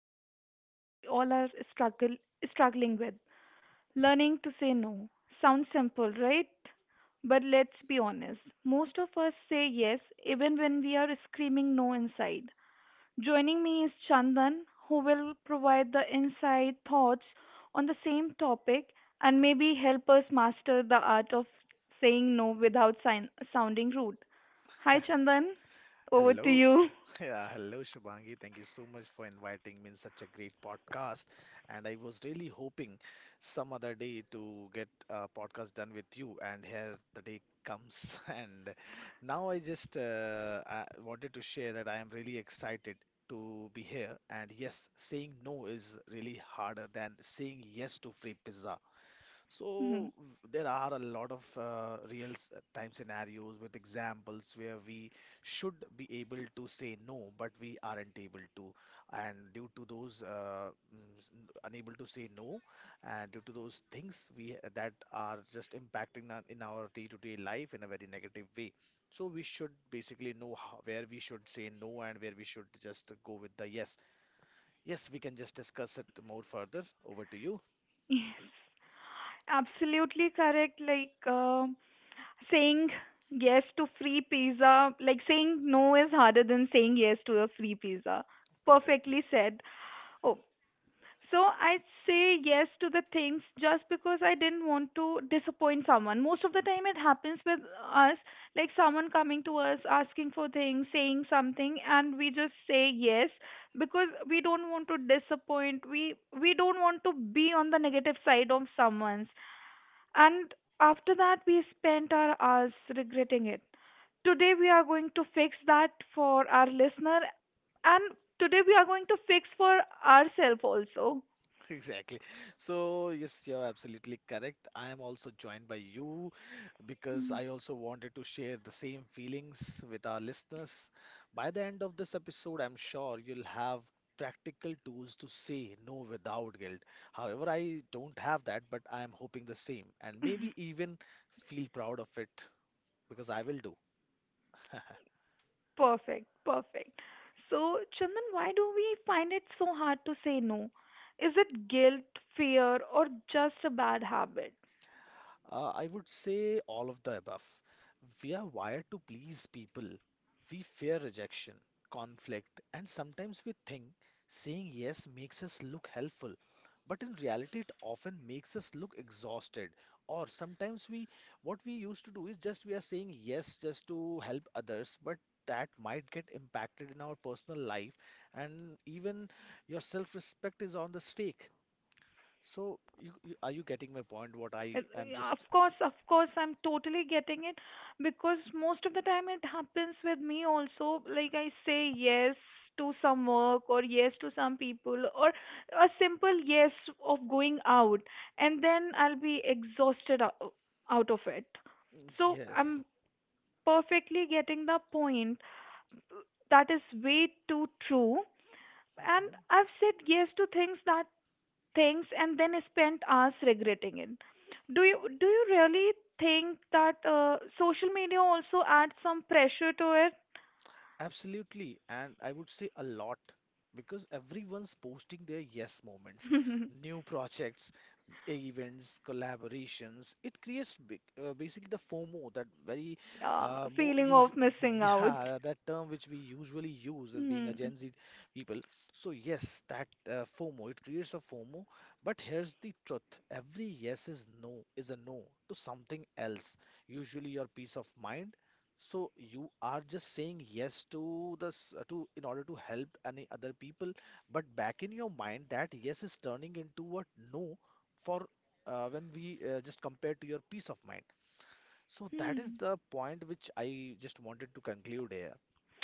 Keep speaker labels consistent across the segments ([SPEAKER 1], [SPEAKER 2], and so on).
[SPEAKER 1] is something we all are struggle struggling with. Learning to say no. Sounds simple, right? But let's be honest. Most of us say yes even when we are screaming no inside. Joining me is Chandan who will provide the inside thoughts on the same topic and maybe help us master the art of saying no without sounding rude. Hi Chandan, over to
[SPEAKER 2] Hello,
[SPEAKER 1] you.
[SPEAKER 2] yeah, hello Shubhangi. Thank you so much for inviting me in such a great podcast. And I was really hoping some other day to get a podcast done with you. And here the day comes. And now I wanted to share that I am really excited to be here. And yes, saying no is really harder than saying yes to free pizza. So there are a lot of real time scenarios with examples where we should be able to say no, but we aren't able to. And due to those unable to say no, and due to those things we that are just impacting in our day-to-day life in a very negative way. So we should basically know how, where we should say no and where we should just go with the yes. Yes, we can just discuss it more further. Over to you.
[SPEAKER 1] Yes. Absolutely correct. Like, saying yes to free pizza, like saying no is harder than saying yes to a free pizza.
[SPEAKER 2] Exactly.
[SPEAKER 1] Perfectly said. Oh, so I say yes to the things just because I didn't want to disappoint someone. Most of the time, it happens with us, like someone coming to us asking for things, saying something, and we just say yes because we don't want to disappoint. We don't want to be on the negative side of someone's and after that, we spent our hours regretting it. Today, we are going to fix that for our listener, and today, we are going to fix for ourselves also.
[SPEAKER 2] Exactly. So, yes, you're absolutely correct. I am also joined by you because
[SPEAKER 1] Hmm.
[SPEAKER 2] I also wanted to share the same feelings with our listeners. By the end of this episode, I'm sure you'll have practical tools to say no without guilt. However, I don't have that, but I'm hoping the same and maybe even feel proud of it because I will do.
[SPEAKER 1] Perfect, perfect. So, Chandan, why do we find it so hard to say no? Is it guilt, fear, or just a bad habit?
[SPEAKER 2] I would say all of the above. We are wired to please people. We fear rejection, conflict, and sometimes we think saying yes makes us look helpful. But in reality, it often makes us look exhausted. Or what we used to do is just we are saying yes just to help others, but that might get impacted in our personal life, and even your self-respect is on the stake. So, are you getting my point? What
[SPEAKER 1] Uh,
[SPEAKER 2] I am
[SPEAKER 1] yeah,
[SPEAKER 2] just.
[SPEAKER 1] of course, I'm totally getting it because most of the time it happens with me also. Like I say yes to some work or yes to some people or a simple yes of going out, and then I'll be exhausted out of it. So
[SPEAKER 2] Yes.
[SPEAKER 1] I'm perfectly getting the point. That is way too true. And
[SPEAKER 2] Mhm.
[SPEAKER 1] I've said yes to things and then spent hours regretting it. Do you really think that social media also adds some pressure to it?
[SPEAKER 2] Absolutely. And I would say a lot because everyone's posting their yes moments, new projects, events, collaborations, it creates big, basically the FOMO, that very
[SPEAKER 1] Yeah,
[SPEAKER 2] more
[SPEAKER 1] feeling of
[SPEAKER 2] usual,
[SPEAKER 1] missing out.
[SPEAKER 2] yeah, that term which we usually use as being a
[SPEAKER 1] Hmm.
[SPEAKER 2] Gen Z people. So yes, that FOMO, it creates a FOMO. But here's the truth: every yes is a no to something else, usually your peace of mind. So you are just saying yes to this to in order to help any other people, but back in your mind that yes is turning into a no for when we just compare to your peace of mind. So that is
[SPEAKER 1] Hmm.
[SPEAKER 2] the point which I just wanted to conclude here.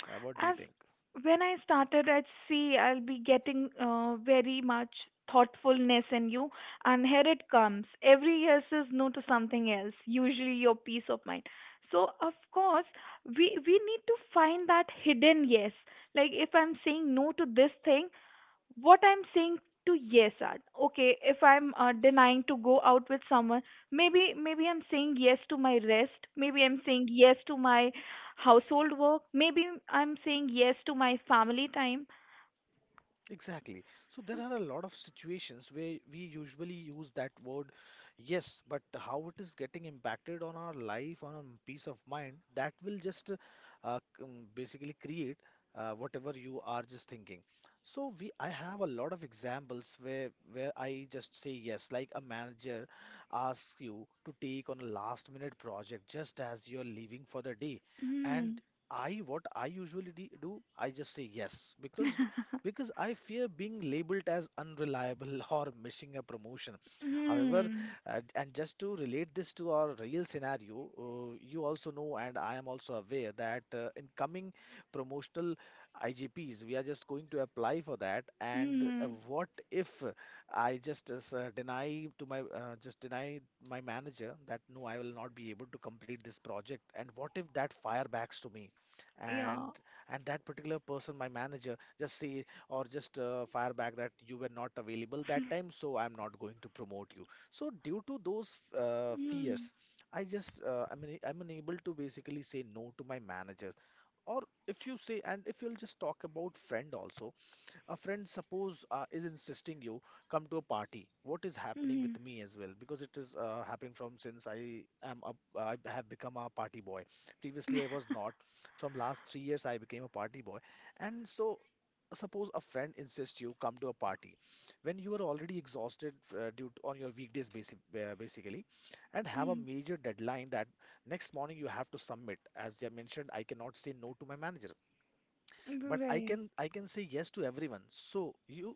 [SPEAKER 2] What do you
[SPEAKER 1] As
[SPEAKER 2] think?
[SPEAKER 1] when I started at sea, I'll be getting very much thoughtfulness in you, and here it comes. Every yes is no to something else, usually your peace of mind. So of course, we need to find that hidden yes. Like if I'm saying no to this thing, what I'm saying to yes are okay. If I'm denying to go out with someone, maybe I'm saying yes to my rest. Maybe I'm saying yes to my household work. Maybe I'm saying yes to my family time.
[SPEAKER 2] Exactly. So there are a lot of situations where we usually use that word yes, but how it is getting impacted on our life, on our peace of mind, that will just basically create whatever you are just thinking. So I have a lot of examples where I just say yes, like a manager asks you to take on a last minute project just as you're leaving for the day, and
[SPEAKER 1] Hmm.
[SPEAKER 2] I what I usually do, I just say yes because because I fear being labeled as unreliable or missing a promotion. However,
[SPEAKER 1] Hmm.
[SPEAKER 2] and just to relate this to our real scenario, you also know, and I am also aware that in coming promotional IGPs, we are just going to apply for that. And
[SPEAKER 1] Hmm.
[SPEAKER 2] what if I just s- deny to my just deny my manager that no, I will not be able to complete this project? And what if that fire backs to me? And
[SPEAKER 1] Yeah.
[SPEAKER 2] and that particular person, my manager, just say or just fire back that you were not available that time, so I'm not going to promote you. So due to those
[SPEAKER 1] Hmm.
[SPEAKER 2] fears, I'm unable to basically say no to my manager. Or if you'll just talk about friend also, a friend suppose is insisting you come to a party. What is happening
[SPEAKER 1] Hmm.
[SPEAKER 2] with me as well, because it is happening from since I have become a party boy. Previously I was not. From last 3 years I became a party boy. And so, suppose a friend insists you come to a party when you are already exhausted on your weekdays basically and have a
[SPEAKER 1] Hmm.
[SPEAKER 2] major deadline that next morning you have to submit. As I mentioned, I cannot say no to my manager, but i
[SPEAKER 1] Right.
[SPEAKER 2] can i can say yes to everyone. So you,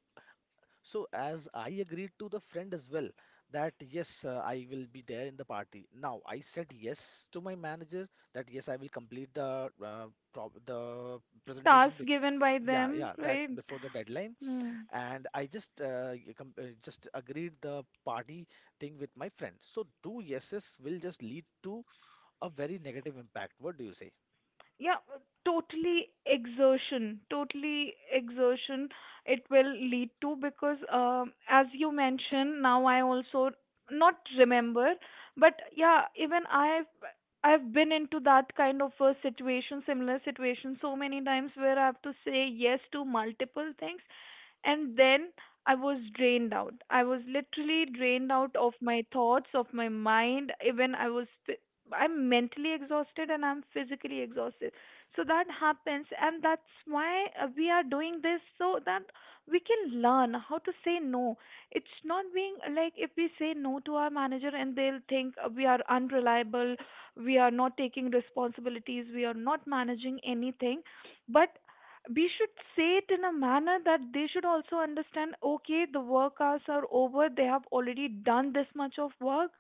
[SPEAKER 2] so as I agreed to the friend as well that yes, I will be there in the party. Now I said yes to my manager that yes, I will complete the the presentation
[SPEAKER 1] Tasks
[SPEAKER 2] before.
[SPEAKER 1] given by
[SPEAKER 2] Yeah,
[SPEAKER 1] them.
[SPEAKER 2] yeah, that
[SPEAKER 1] Right.
[SPEAKER 2] before the deadline.
[SPEAKER 1] Hmm.
[SPEAKER 2] And I just agreed the party thing with my friend. So two yeses will just lead to a very negative impact. What do you say?
[SPEAKER 1] Yeah, totally exertion, totally exertion it will lead to because as you mentioned now I also not remember, but yeah, even I've been into that kind of a situation, similar situation so many times where I have to say yes to multiple things, and then I was drained out. I was literally drained out of my thoughts, of my mind. Even I was I'm mentally exhausted and I'm physically exhausted. So that happens, and that's why we are doing this so that we can learn how to say no. It's not being like if we say no to our manager and they'll think we are unreliable, we are not taking responsibilities, we are not managing anything. But we should say it in a manner that they should also understand okay, the work hours are over, they have already done this much of work.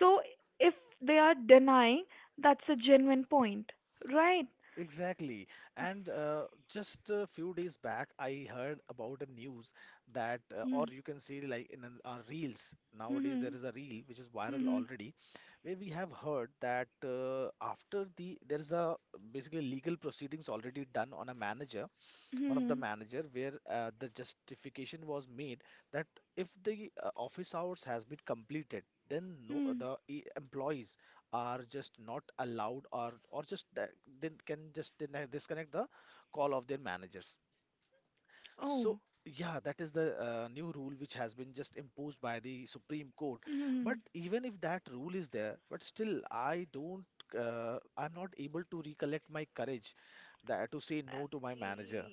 [SPEAKER 1] So if they are denying, that's a genuine point, right?
[SPEAKER 2] Exactly. And just a few days back, I heard about a news that, or
[SPEAKER 1] Mm-hmm.
[SPEAKER 2] you can see like in our reels. Nowadays there
[SPEAKER 1] Mm-hmm.
[SPEAKER 2] is a reel which is viral
[SPEAKER 1] Mm-hmm.
[SPEAKER 2] already, where we have heard that there is a basically legal proceedings already done on a manager, one of the
[SPEAKER 1] Mm-hmm.
[SPEAKER 2] manager, where the justification was made that if the office hours has been completed, then no,
[SPEAKER 1] Mm-hmm.
[SPEAKER 2] the employees are just not allowed or just that they can just disconnect the call of their managers. So
[SPEAKER 1] Oh.
[SPEAKER 2] yeah, that is the new rule which has been just imposed by the supreme court. But
[SPEAKER 1] Mm-hmm.
[SPEAKER 2] even if that rule is there, but still I don't, I'm not able to recollect my courage that to say no to my manager.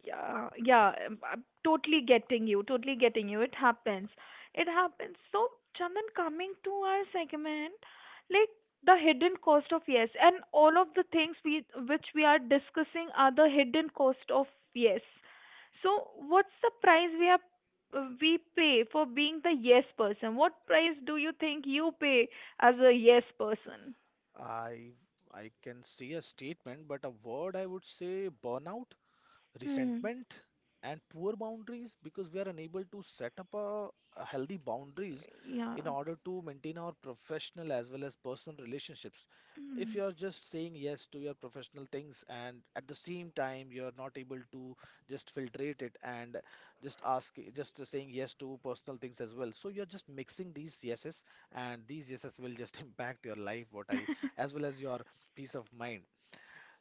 [SPEAKER 1] Yeah, yeah, I'm totally getting you, totally getting you. It happens, it happens. So Chandan, coming to our segment, like the hidden cost of yes, and all of the things we which we are discussing are the hidden cost of yes. So what's the price we have, we pay for being the yes person? What price do you think you pay as a yes person?
[SPEAKER 2] I I can see a statement, but a word I would say burnout,
[SPEAKER 1] Hmm.
[SPEAKER 2] resentment, and poor boundaries, because we are unable to set up a healthy boundaries
[SPEAKER 1] Yeah.
[SPEAKER 2] in order to maintain our professional as well as personal relationships. If you are just saying yes to your professional things and at the same time you are not able to just filtrate it and just saying yes to personal things as well, so you're just mixing these yeses, and these yeses will just impact your life, what I as well as your peace of mind.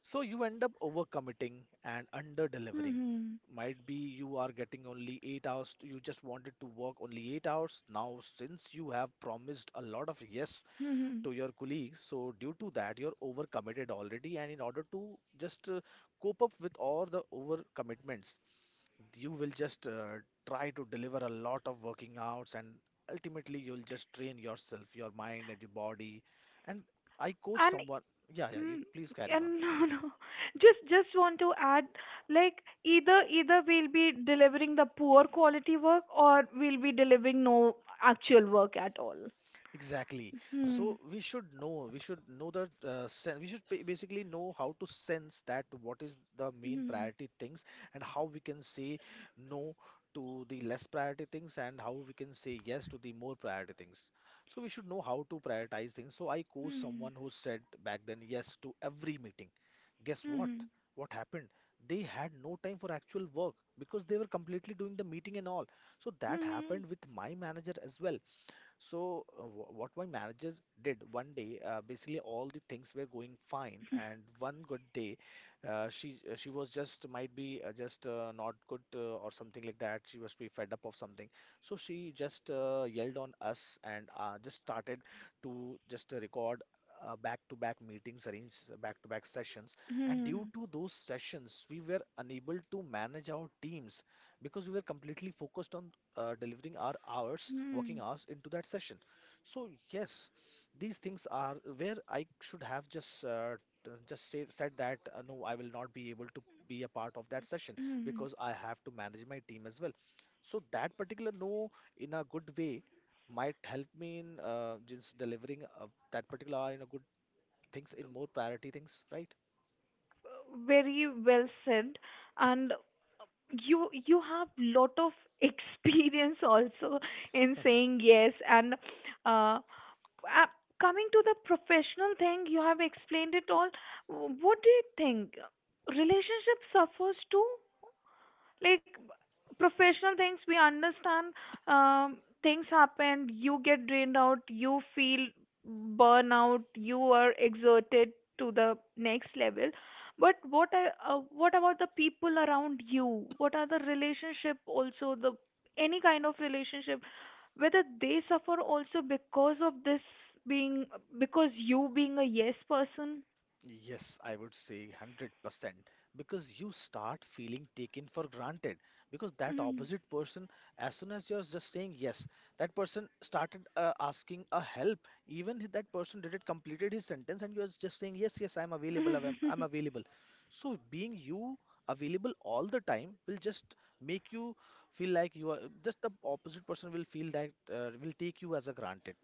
[SPEAKER 2] So you end up overcommitting and under-delivering.
[SPEAKER 1] Hmm.
[SPEAKER 2] Might be you are getting only 8 hours, you just wanted to work only 8 hours. Now, since you have promised a lot of yes
[SPEAKER 1] Mhm.
[SPEAKER 2] to your colleagues, so due to that, you're overcommitted already. And in order to just cope up with all the overcommitments, you will just try to deliver a lot of working hours, and ultimately, you'll just train yourself, your mind, and your body. And I coach
[SPEAKER 1] And
[SPEAKER 2] someone, yeah, yeah, you
[SPEAKER 1] mm,
[SPEAKER 2] please carry on.
[SPEAKER 1] and no, no. Just want to add, like either we'll be delivering the poor quality work or we'll be delivering no actual work at all.
[SPEAKER 2] Exactly. So
[SPEAKER 1] Hmm.
[SPEAKER 2] we should know that we should basically know how to sense that what is the main
[SPEAKER 1] Hmm.
[SPEAKER 2] priority things and how we can say no to the less priority things and how we can say yes to the more priority things. So we should know how to prioritize things. So I coach someone
[SPEAKER 1] Hmm.
[SPEAKER 2] who said back then yes to every meeting. Guess what?
[SPEAKER 1] Hmm.
[SPEAKER 2] What happened? They had no time for actual work because they were completely doing the meeting and all. So that
[SPEAKER 1] Hmm.
[SPEAKER 2] happened with my manager as well. So, what my managers did one day, basically all the things were going fine, and one good day, she was just might be just not good or something like that. She was be fed up of something, so she just yelled on us and just started to just record. Back-to-back meetings, arrange back-to-back sessions, and due
[SPEAKER 1] Hmm.
[SPEAKER 2] to those sessions, we were unable to manage our teams because we were completely focused on delivering our hours, working
[SPEAKER 1] Hmm.
[SPEAKER 2] hours into that session. So yes, these things are where I should have just said that no, I will not be able to be a part of that session
[SPEAKER 1] Hmm.
[SPEAKER 2] because I have to manage my team as well. So that particular no in a good way might help me in just delivering that particular hour in a good things in more priority things, right?
[SPEAKER 1] Very well said. And you have lot of experience also in saying yes and uh, coming to the professional thing, you have explained it all. What do you think? Relationship suffers too, like professional things we understand. Things happen, you get drained out, you feel burnout, you are exerted to the next level. But what I, what about the people around you, what are the relationship also, the any kind of relationship, whether they suffer also because of this being, because you being a yes person.
[SPEAKER 2] Yes, I would say 100% because you start feeling taken for granted because that
[SPEAKER 1] Mm.
[SPEAKER 2] opposite person, as soon as you're just saying yes, that person started asking a help. Even if that person did it, completed his sentence, and you're just saying yes, yes, I'm available, I'm available. So being you available all the time will just make you feel like you are just the opposite person will feel that will take you as a granted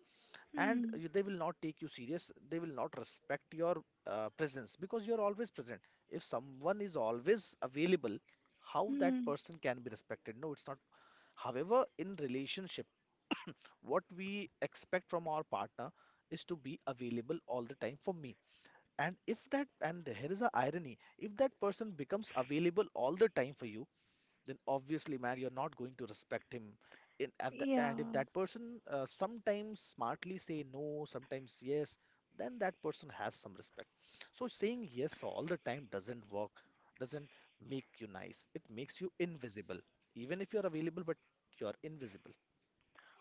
[SPEAKER 2] and
[SPEAKER 1] Mm.
[SPEAKER 2] they will not take you serious. They will not respect your presence because you are always present. If someone is always available, how that
[SPEAKER 1] Mm.
[SPEAKER 2] person can be respected? No, it's not. However, in relationship, what we expect from our partner is to be available all the time for me. And if that, and here is a irony, if that person becomes available all the time for you, then obviously, man, you're not going to respect him. In, at the,
[SPEAKER 1] Yeah.
[SPEAKER 2] and if that person sometimes smartly say no, sometimes yes, then that person has some respect. So saying yes all the time doesn't work, doesn't make you nice. It makes you invisible. Even if you're available, but you're invisible.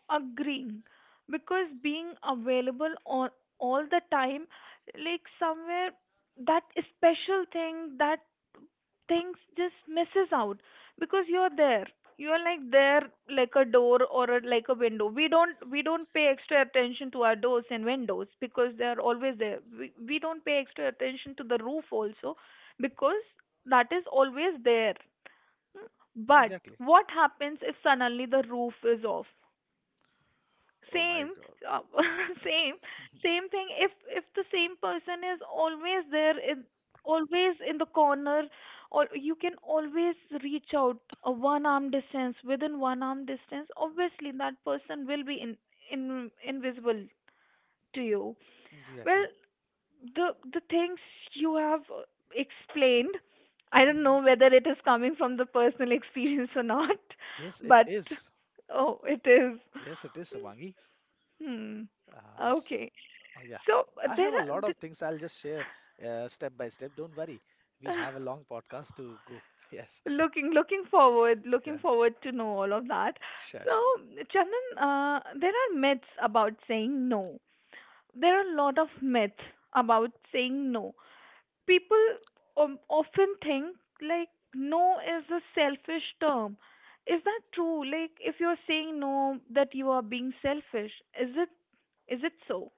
[SPEAKER 1] Agreeing, because being available on all the time, like somewhere that special thing, that things just misses out because you're there, you're like there, like a door or a, like a window. We don't pay extra attention to our doors and windows because they are always there. We don't pay extra attention to the roof also because that is always there. But
[SPEAKER 2] Exactly.
[SPEAKER 1] what happens if suddenly the roof is off?
[SPEAKER 2] Oh my
[SPEAKER 1] Same,
[SPEAKER 2] God.
[SPEAKER 1] uh, same same thing. If the same person is always there in, always in the corner, or you can always reach out a one arm distance, within one arm distance, obviously that person will be in invisible to you. Well,
[SPEAKER 2] Exactly.
[SPEAKER 1] the the things you have explained, I
[SPEAKER 2] Mhm,
[SPEAKER 1] don't
[SPEAKER 2] mhm.
[SPEAKER 1] know whether it is coming from the personal experience or not.
[SPEAKER 2] Yes, it
[SPEAKER 1] But
[SPEAKER 2] is.
[SPEAKER 1] oh, it is.
[SPEAKER 2] Yes, it is, Shivangi.
[SPEAKER 1] Hmm.
[SPEAKER 2] Uh, s-
[SPEAKER 1] Okay.
[SPEAKER 2] yeah,
[SPEAKER 1] So,
[SPEAKER 2] I
[SPEAKER 1] there
[SPEAKER 2] have a
[SPEAKER 1] are
[SPEAKER 2] lot of things I'll just share step by step. Don't worry, we have a long podcast to go. Yes,
[SPEAKER 1] looking, looking forward,
[SPEAKER 2] yeah,
[SPEAKER 1] looking forward to know all of that.
[SPEAKER 2] sure,
[SPEAKER 1] So
[SPEAKER 2] sure.
[SPEAKER 1] Chandan, there are myths about saying no. There are a lot of myths about saying no. People often think like no is a selfish term. Is that true? Like if you're saying no, that you are being selfish. Is it, is it so?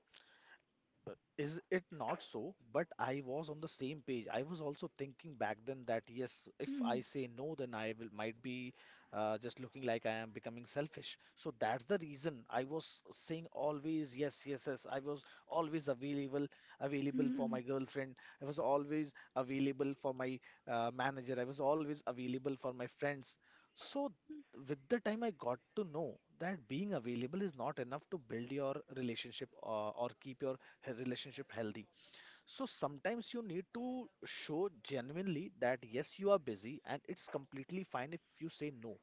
[SPEAKER 2] Is it not so? But I was on the same page. I was also thinking back then that yes, if
[SPEAKER 1] Hmm.
[SPEAKER 2] I say no, then I will might be just looking like I am becoming selfish. So that's the reason I was saying always yes, yes, yes. I was always available, available for
[SPEAKER 1] Hmm.
[SPEAKER 2] my girlfriend. I was always available for my manager. I was always available for my friends. So with the time I got to know that being available is not enough to build your relationship or keep your relationship healthy. So sometimes you need to show genuinely that yes, you are busy, and it's completely fine if you say no.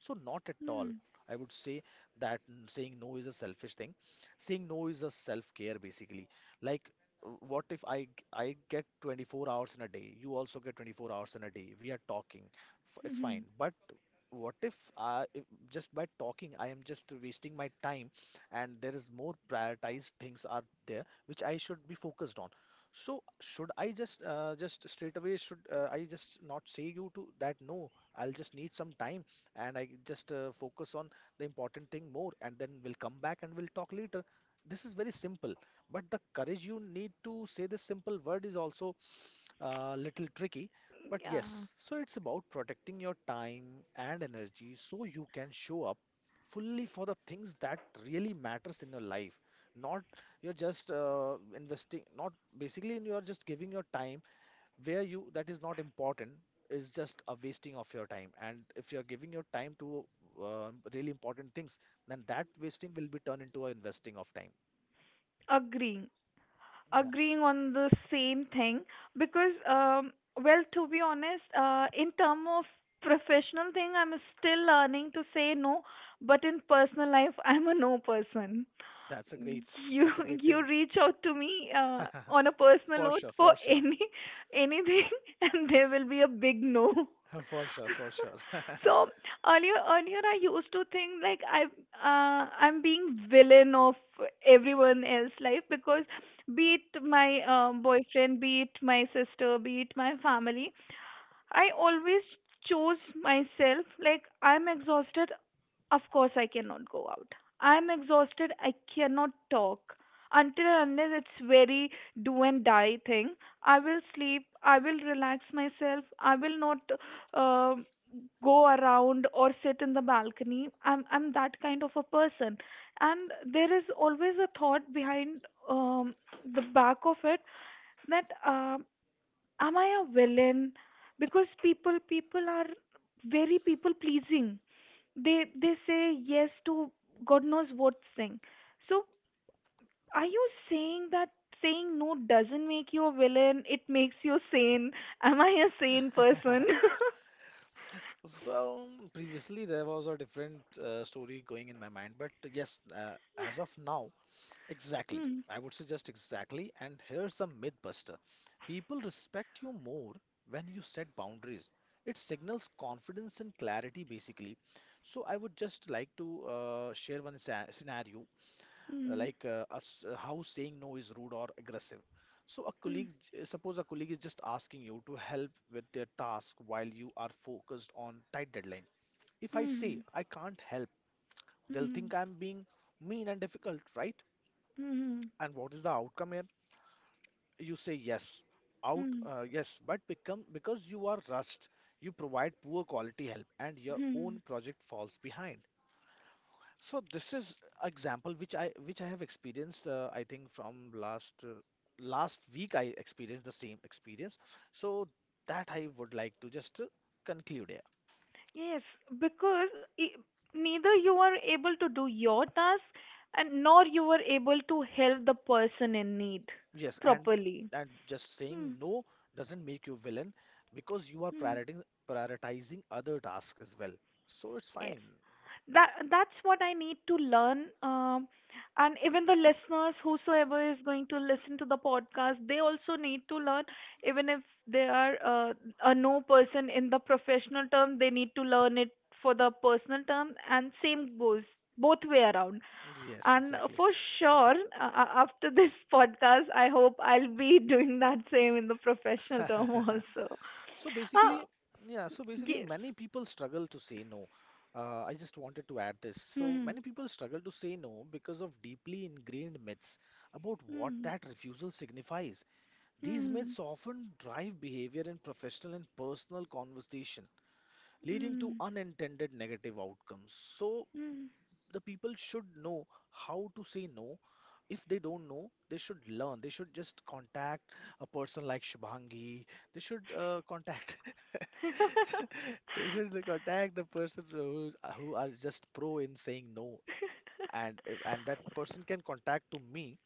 [SPEAKER 2] So, not at
[SPEAKER 1] Hmm.
[SPEAKER 2] all. I would say that saying no is a selfish thing. Saying no is a self-care, basically. Like, what if I get 24 hours in a day? You also get 24 hours in a day. We are talking.
[SPEAKER 1] Hmm.
[SPEAKER 2] It's
[SPEAKER 1] Hmm.
[SPEAKER 2] fine. But what if, I, if just by talking, I am just wasting my time, and there is more prioritized things are there which I should be focused on. So should I just straight away should I just not say you to that no I'll just need some time, and I just focus on the important thing more, and then we'll come back and we'll talk later. This is very simple, but the courage you need to say this simple word is also a little tricky. But
[SPEAKER 1] Yeah.
[SPEAKER 2] yes, so it's about protecting your time and energy so you can show up fully for the things that really matters in your life. Not you're just investing, not basically you're just giving your time where you that is not important is just a wasting of your time. And if you're giving your time to really important things, then that wasting will be turned into a investing of time.
[SPEAKER 1] Agree.
[SPEAKER 2] Yeah,
[SPEAKER 1] Agreeing on the same thing because well, to be honest, in term of professional thing I'm still learning to say no, but in personal life I'm a no person.
[SPEAKER 2] that's a great,
[SPEAKER 1] You
[SPEAKER 2] that's a great thing.
[SPEAKER 1] you reach out to me on a personal note for
[SPEAKER 2] For sure,
[SPEAKER 1] any anything and there will be a big no.
[SPEAKER 2] for sure, for sure.
[SPEAKER 1] So earlier I used to think like I I'm being villain of everyone else's life because be it my boyfriend, be it my sister, be it my family, I always chose myself. Like I'm exhausted, of course, I cannot go out. I am exhausted. I cannot talk. Until and unless it's very do and die thing, I will sleep. I will relax myself. I will not uh, go around or sit in the balcony. I'm that kind of a person, and there is always a thought behind um, the back of it that am I a villain? Because people are very people pleasing. They say yes to God knows what thing. So are you saying that saying no doesn't make you a villain? It makes you sane. Am I a sane person?
[SPEAKER 2] So previously there was a different story going in my mind, but yes, uh, as of now, exactly.
[SPEAKER 1] Hmm.
[SPEAKER 2] I would suggest exactly. And here's the myth buster. People respect you more when you set boundaries. It signals confidence and clarity, basically. So I would just like to share one scenario,
[SPEAKER 1] Hmm.
[SPEAKER 2] like how saying no is rude or aggressive. So a
[SPEAKER 1] Hmm.
[SPEAKER 2] colleague, suppose a colleague is just asking you to help with their task while you are focused on tight deadline. If I say
[SPEAKER 1] Hmm.
[SPEAKER 2] I can't help, they'll think
[SPEAKER 1] Hmm.
[SPEAKER 2] I'm being mean and difficult, right?
[SPEAKER 1] Hmm.
[SPEAKER 2] And what is the outcome here? You say yes, out
[SPEAKER 1] Hmm.
[SPEAKER 2] yes but become because you are rushed, you provide poor quality help, and your own
[SPEAKER 1] Hmm.
[SPEAKER 2] project falls behind. So this is example which I have experienced. I think from last last week I experienced the same experience. So that I would like to just conclude here.
[SPEAKER 1] Yes, because I neither you are able to do your task and nor you are able to help the person in need
[SPEAKER 2] Yes,
[SPEAKER 1] properly.
[SPEAKER 2] and just saying
[SPEAKER 1] Hmm.
[SPEAKER 2] no doesn't make you villain because you are
[SPEAKER 1] Hmm.
[SPEAKER 2] prioritizing, prioritizing other tasks as well. So it's
[SPEAKER 1] Yes.
[SPEAKER 2] fine.
[SPEAKER 1] That that's what I need to learn. And even the listeners, whosoever is going to listen to the podcast, they also need to learn. Even if they are a no person in the professional term, they need to learn it for the personal term, and same goes both way around.
[SPEAKER 2] Yes,
[SPEAKER 1] And
[SPEAKER 2] exactly.
[SPEAKER 1] for sure, after this podcast, I hope I'll be doing that same in the professional term also.
[SPEAKER 2] So
[SPEAKER 1] Ah,
[SPEAKER 2] basically, yeah, so basically,
[SPEAKER 1] yes.
[SPEAKER 2] many people struggle to say no. I just wanted to add this. So
[SPEAKER 1] Hmm.
[SPEAKER 2] many people struggle to say no because of deeply ingrained myths about what
[SPEAKER 1] Hmm.
[SPEAKER 2] that refusal signifies. These myths
[SPEAKER 1] Hmm.
[SPEAKER 2] often drive behavior in professional and personal conversation, leading to
[SPEAKER 1] Hmm.
[SPEAKER 2] unintended negative outcomes. So
[SPEAKER 1] Hmm.
[SPEAKER 2] the people should know how to say no. If they don't know, they should learn. They should just contact a person like Shubhangi. They should contact they should like attack the person who are just pro in saying no, and if- and that person can contact to me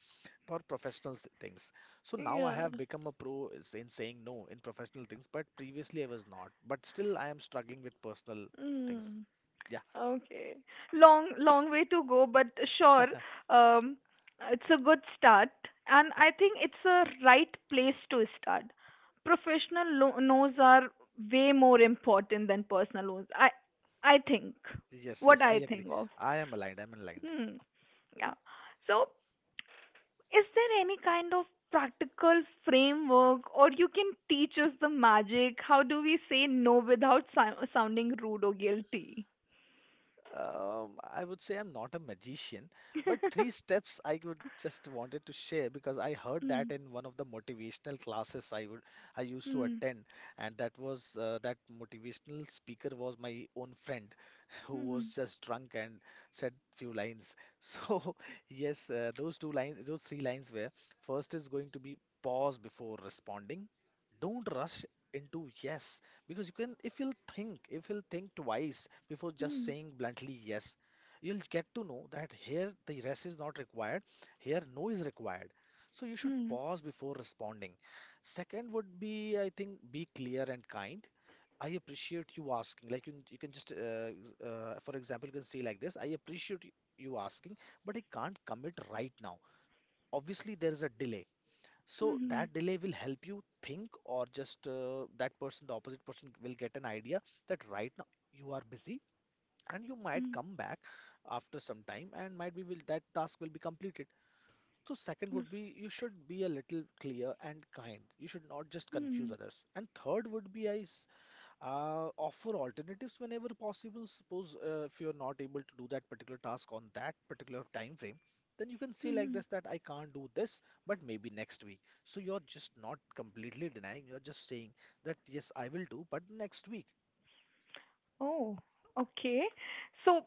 [SPEAKER 2] for professional things. So now I
[SPEAKER 1] Yeah.
[SPEAKER 2] have become a pro is in saying no in professional things, but previously I was not. But still I am struggling with personal things.
[SPEAKER 1] Hmm.
[SPEAKER 2] Yeah.
[SPEAKER 1] Okay. Long, long way to go, but sure, um, it's a good start. And I think it's a right place to start. Professional loans are way more important than personal loans. I think,
[SPEAKER 2] Yes,
[SPEAKER 1] what
[SPEAKER 2] yes, I
[SPEAKER 1] I think
[SPEAKER 2] agree.
[SPEAKER 1] of.
[SPEAKER 2] I am aligned. I'm aligned.
[SPEAKER 1] Hmm. Yeah. So, is there any kind of practical framework, or you can teach us the magic? How do we say no without sounding rude or guilty?
[SPEAKER 2] I would say I'm not a magician, but three steps I would just wanted to share because I heard
[SPEAKER 1] Hmm.
[SPEAKER 2] that in one of the motivational classes I used to
[SPEAKER 1] Hmm.
[SPEAKER 2] attend, and that was that motivational speaker was my own friend, who
[SPEAKER 1] Mhm.
[SPEAKER 2] was just drunk and said few lines. So yes, those two lines, those three lines were: first is going to be pause before responding. Don't rush into yes, because you can, if you'll think, if you'll think twice before just
[SPEAKER 1] Mhm.
[SPEAKER 2] saying bluntly yes, you'll get to know that here the yes is not required, here no is required. So you should
[SPEAKER 1] Mhm.
[SPEAKER 2] pause before responding. Second would be, I think, be clear and kind. I appreciate you asking. Like you can just, for example, you can say like this: I appreciate you asking, but I can't commit right now. Obviously, there is a delay. So
[SPEAKER 1] Mhm.
[SPEAKER 2] that delay will help you think, or just that person, the opposite person, will get an idea that right now you are busy, and you
[SPEAKER 1] Mhm.
[SPEAKER 2] might come back after some time, and might be will that task will be completed. So second
[SPEAKER 1] Yes.
[SPEAKER 2] would be you should be a little clear and kind. You should not just
[SPEAKER 1] Mhm.
[SPEAKER 2] confuse others. And third would be I offer alternatives whenever possible. Suppose if you're not able to do that particular task on that particular time frame, then you can say
[SPEAKER 1] Mhm.
[SPEAKER 2] like this that I can't do this, but maybe next week. So you're just not completely denying, you're just saying that yes, I will do, but next week.
[SPEAKER 1] Oh, okay. So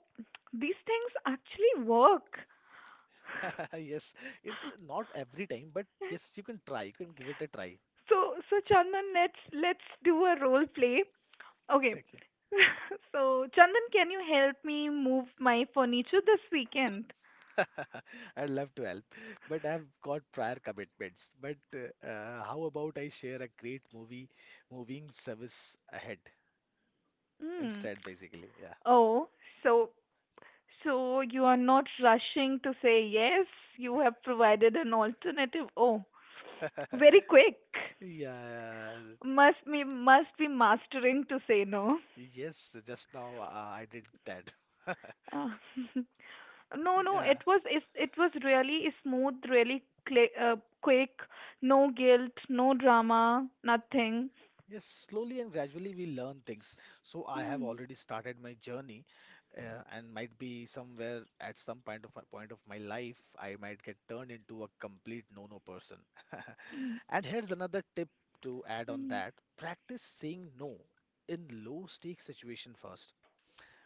[SPEAKER 1] these things actually work.
[SPEAKER 2] Yes, it not every time, but yes, you can try, you can give it a try.
[SPEAKER 1] So, so Chandan, let's do a role play. Okay.
[SPEAKER 2] Okay.
[SPEAKER 1] So, Chandan, can you help me move my furniture this weekend?
[SPEAKER 2] I'd love to help, but I've got prior commitments. But how about I share a great movie moving service ahead?
[SPEAKER 1] Hmm.
[SPEAKER 2] Instead, basically, yeah.
[SPEAKER 1] Oh, so so you are not rushing to say yes. You have provided an alternative. Oh, very quick.
[SPEAKER 2] Yeah.
[SPEAKER 1] Must be mastering to say no.
[SPEAKER 2] Yes, just now I did that.
[SPEAKER 1] Uh, no, no,
[SPEAKER 2] Yeah.
[SPEAKER 1] it was it, it was really smooth, really cli quick. No guilt, no drama, nothing.
[SPEAKER 2] Yes, slowly and gradually we learn things. So I have
[SPEAKER 1] Hmm.
[SPEAKER 2] already started my journey, and might be somewhere at some point of my life, I might get turned into a complete no-no person.
[SPEAKER 1] Hmm.
[SPEAKER 2] And here's another tip to add on
[SPEAKER 1] Hmm.
[SPEAKER 2] that: practice saying no in low-stake situation first.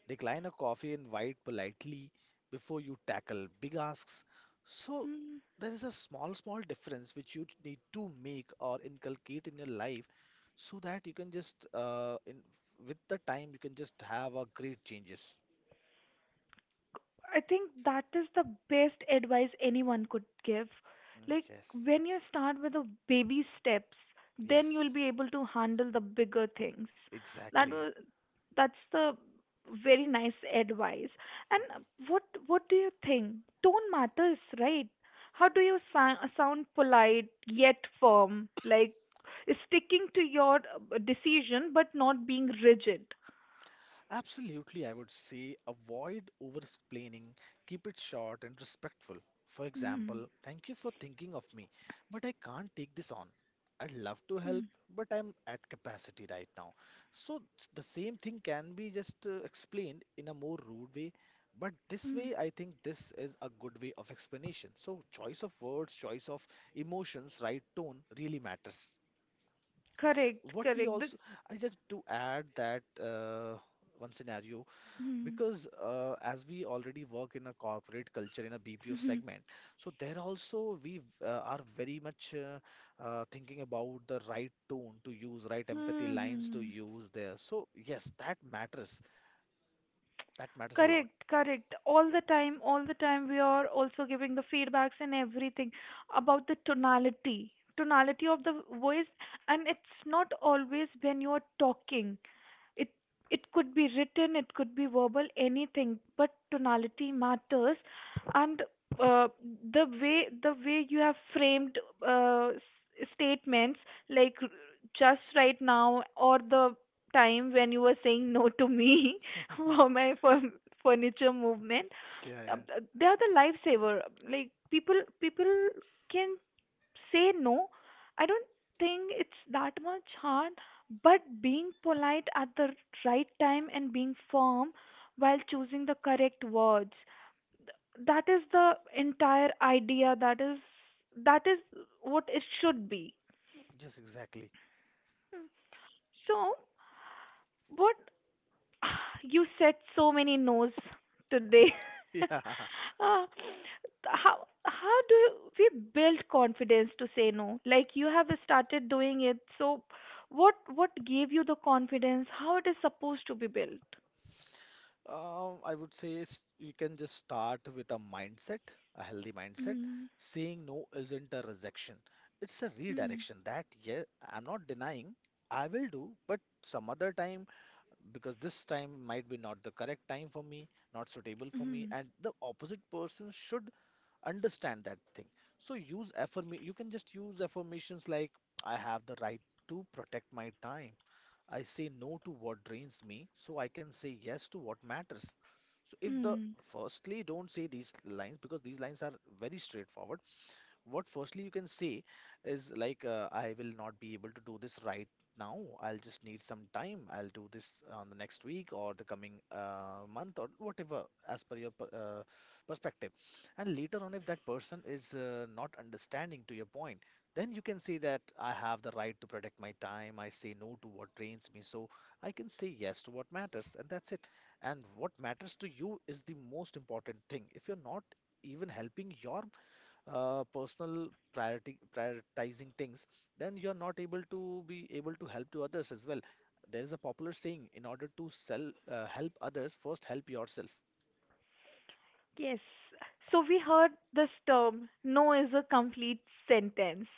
[SPEAKER 2] Decline a coffee and invite politely before you tackle big asks. So
[SPEAKER 1] Hmm.
[SPEAKER 2] there is a small, small difference which you need to make or inculcate in your life so that you can just, with the time, you can just have a great changes.
[SPEAKER 1] I think that is the best advice anyone could give.
[SPEAKER 2] Mm,
[SPEAKER 1] Like
[SPEAKER 2] yes,
[SPEAKER 1] when you start with the baby steps, then you'll
[SPEAKER 2] yes,
[SPEAKER 1] be able to handle the bigger things. That
[SPEAKER 2] exactly.
[SPEAKER 1] was that's the very nice advice. And What do you think? Tone matters, right? How do you sound polite yet firm, like sticking to your decision but not being rigid?
[SPEAKER 2] Absolutely, I would say avoid over explaining, keep it short and respectful. For
[SPEAKER 1] Mm,
[SPEAKER 2] example, thank you for thinking of me, but I can't take this on. I'd love to help,
[SPEAKER 1] mm,
[SPEAKER 2] but I'm at capacity right now. So the same thing can be just explained in a more rude way, but this
[SPEAKER 1] mm.
[SPEAKER 2] way, I think this is a good way of explanation. So choice of words, choice of emotions, right tone really matters.
[SPEAKER 1] Correct,
[SPEAKER 2] What we
[SPEAKER 1] correct.
[SPEAKER 2] also I just to add that one scenario,
[SPEAKER 1] Hmm.
[SPEAKER 2] because as we already work in a corporate culture in a BPO
[SPEAKER 1] Hmm.
[SPEAKER 2] segment, so there also we are very much thinking about the right tone to use, right empathy lines to
[SPEAKER 1] Hmm.
[SPEAKER 2] use there. So yes, that matters. That matters a lot.
[SPEAKER 1] Correct, correct. All the time, we are also giving the feedbacks and everything about the tonality, tonality of the voice, and it's not always when you're talking. it it could be written, it could be verbal, anything, but tonality matters. And uh, the way you have framed statements like just right now, or the time when you were saying no to me for my for furniture movement,
[SPEAKER 2] Yeah, yeah.
[SPEAKER 1] they are the lifesaver. Like people can say no. I don't think it's that much hard, but being polite at the right time and being firm while choosing the correct words. That is the entire idea. That is that is what it should be.
[SPEAKER 2] Yes, exactly.
[SPEAKER 1] So, what you said so many no's today.
[SPEAKER 2] Yeah.
[SPEAKER 1] Uh, how we build confidence to say no? Like you have started doing it, so what gave you the confidence? How it is supposed to be built?
[SPEAKER 2] I would say you can just start with a mindset, a healthy mindset.
[SPEAKER 1] Mm,
[SPEAKER 2] Saying no isn't a rejection, it's a
[SPEAKER 1] mm,
[SPEAKER 2] redirection. That, yeah, I'm not denying, I will do, but some other time, because this time might be not the correct time for me, not suitable for me,
[SPEAKER 1] mm,
[SPEAKER 2] and the opposite person should understand that thing. So use affirm, you can just use affirmations like, I have the right to protect my time. I say no to what drains me so I can say yes to what matters. So if the
[SPEAKER 1] mm.
[SPEAKER 2] firstly don't say these lines because these lines are very straightforward. What firstly you can say is like I will not be able to do this right now. I'll just need some time. I'll do this on the next week or the coming month or whatever as per your perspective. And later on, if that person is not understanding to your point, then you can say that I have the right to protect my time. I say no to what drains me. So I can say yes to what matters, and that's it. And what matters to you is the most important thing. If you're not even helping your personal priority prioritizing things, then you're not able to be able to help to others as well. There is a popular saying: in order to help others, first help yourself.
[SPEAKER 1] Yes. So we heard this term, no is a complete sentence.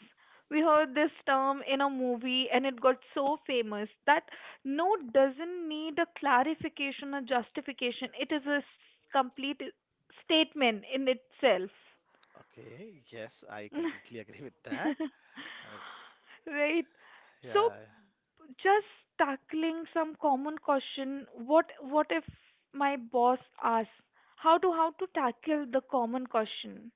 [SPEAKER 1] We heard this term in a movie, and it got so famous that no doesn't need a clarification or justification. It is a complete statement in itself.
[SPEAKER 2] Okay, yes, I completely agree with that. Uh,
[SPEAKER 1] Right.
[SPEAKER 2] yeah,
[SPEAKER 1] So just tackling some common question, what if my boss asks, how to tackle the common question?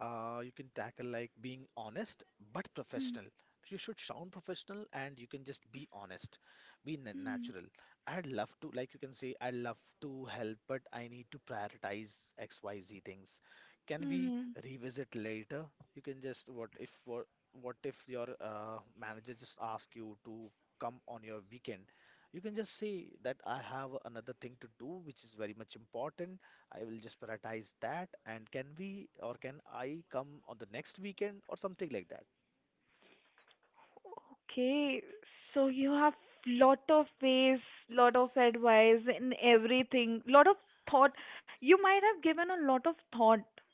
[SPEAKER 2] you can tackle like being honest but
[SPEAKER 1] Hmm.
[SPEAKER 2] professional. You should sound professional and you can just be honest, be
[SPEAKER 1] Mhm.
[SPEAKER 2] natural. Like you can say, I'd love to help, but I need to prioritize XYZ things. Can we
[SPEAKER 1] Mhm.
[SPEAKER 2] revisit later? You can just, what if your manager just asks you to come on your weekend? You can just say that I have another thing to do, which is very much important. I will just prioritize that. And can we, or can I come on the next weekend or something like that?
[SPEAKER 1] Okay, so you have lot of ways, lot of advice in everything, lot of thought. You might have given a lot of thought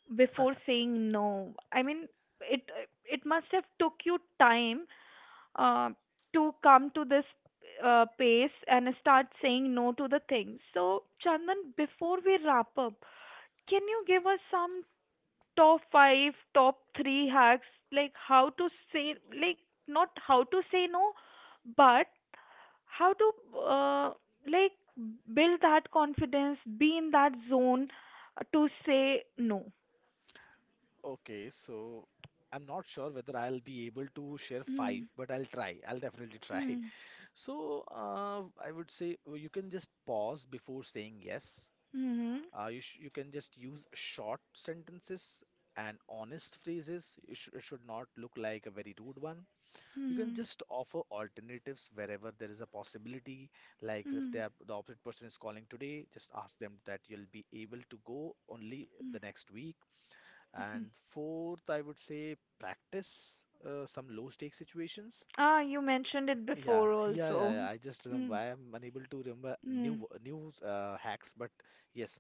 [SPEAKER 1] before saying no. I mean, it it must have took you time uh, to come to this pace and start saying no to the things. So, Chandan, before we wrap up, can you give us some top five, top three hacks, like how to say, like not how to say no, but how to uh, like build that confidence, be in that zone to say no.
[SPEAKER 2] Okay, so I'm not sure whether I'll be able to share five,
[SPEAKER 1] Mm,
[SPEAKER 2] but I'll try. I'll definitely try.
[SPEAKER 1] mm,
[SPEAKER 2] So I would say you can just pause before saying yes.
[SPEAKER 1] mhm,
[SPEAKER 2] You sh you can just use short sentences and honest phrases. It, sh it should not look like a very rude one. You can
[SPEAKER 1] mhm,
[SPEAKER 2] just offer alternatives wherever there is a possibility, like if
[SPEAKER 1] mm,
[SPEAKER 2] they are the opposite person is calling today, just ask them that you'll be able to go only
[SPEAKER 1] mm,
[SPEAKER 2] the next week.
[SPEAKER 1] mhm.
[SPEAKER 2] And fourth, I would say, practice some low stake situations.
[SPEAKER 1] Ah, you mentioned it
[SPEAKER 2] yeah,
[SPEAKER 1] before
[SPEAKER 2] yeah, yeah,
[SPEAKER 1] also.
[SPEAKER 2] yeah. I just remember. I
[SPEAKER 1] Mm,
[SPEAKER 2] am unable to remember new
[SPEAKER 1] mm,
[SPEAKER 2] new uh, hacks, but yes.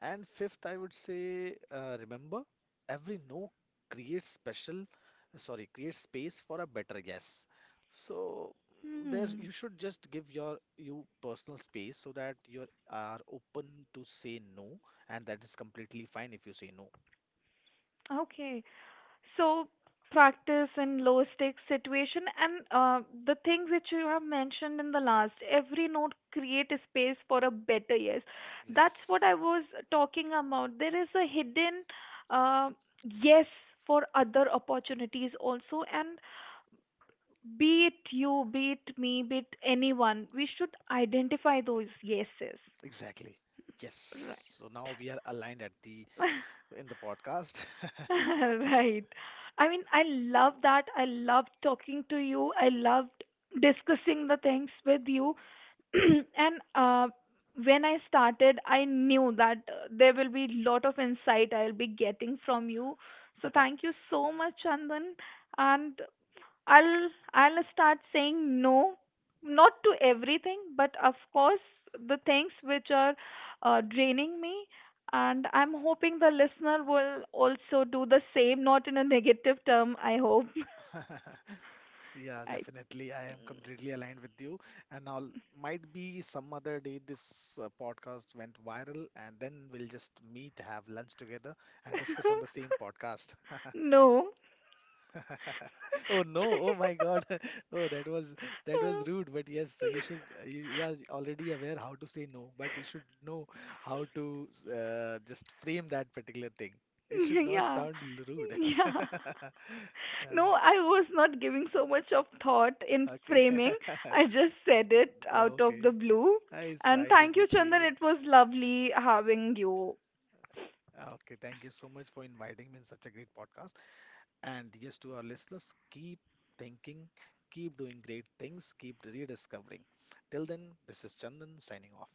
[SPEAKER 2] And fifth, I would say, remember, every no creates special, sorry, creates space for a better guess. So there,
[SPEAKER 1] mm.
[SPEAKER 2] you should just give your you personal space so that you are open to say no, and that is completely fine if you say no.
[SPEAKER 1] Okay. So practice in low stakes situation, and the thing which you have mentioned in the last, every note create a space for a better yes. That's
[SPEAKER 2] Yes,
[SPEAKER 1] what I was talking about. There is a hidden uh, yes for other opportunities also, and be it you, be it me, be it anyone, we should identify those yeses.
[SPEAKER 2] exactly.
[SPEAKER 1] Right.
[SPEAKER 2] Yes. So now we are aligned at the in the podcast.
[SPEAKER 1] Right. I mean, I love that. I loved talking to you. I loved discussing the things with you. And When I started, I knew that there will be lot of insight I'll be getting from you. So thank you so much, Chandan. And I'll start saying no, not to everything, but of course the things which are draining me. And I'm hoping the listener will also do the same, not in a negative term, I hope.
[SPEAKER 2] Yeah,
[SPEAKER 1] I
[SPEAKER 2] definitely. I am completely aligned with you. And now, might be some other day this podcast went viral, and then we'll just meet, have lunch together, and discuss on the same podcast.
[SPEAKER 1] no.
[SPEAKER 2] Oh no! Oh my God! Oh, that was rude. But yes, you should. You are already aware how to say no, but you should know how to just frame that particular thing. It should not
[SPEAKER 1] Yeah.
[SPEAKER 2] sound rude.
[SPEAKER 1] Yeah.
[SPEAKER 2] Uh,
[SPEAKER 1] No, I was not giving so much of thought in
[SPEAKER 2] okay.
[SPEAKER 1] framing. I just said it out of
[SPEAKER 2] Okay.
[SPEAKER 1] the blue.
[SPEAKER 2] It's
[SPEAKER 1] And
[SPEAKER 2] fine
[SPEAKER 1] thank you, Chandan.
[SPEAKER 2] completely.
[SPEAKER 1] It was lovely having you.
[SPEAKER 2] Ah, okay, thank you so much for inviting me in such a great podcast. And yes, to our listeners, keep thinking, keep doing great things, keep rediscovering. Till then, this is Chandan signing off.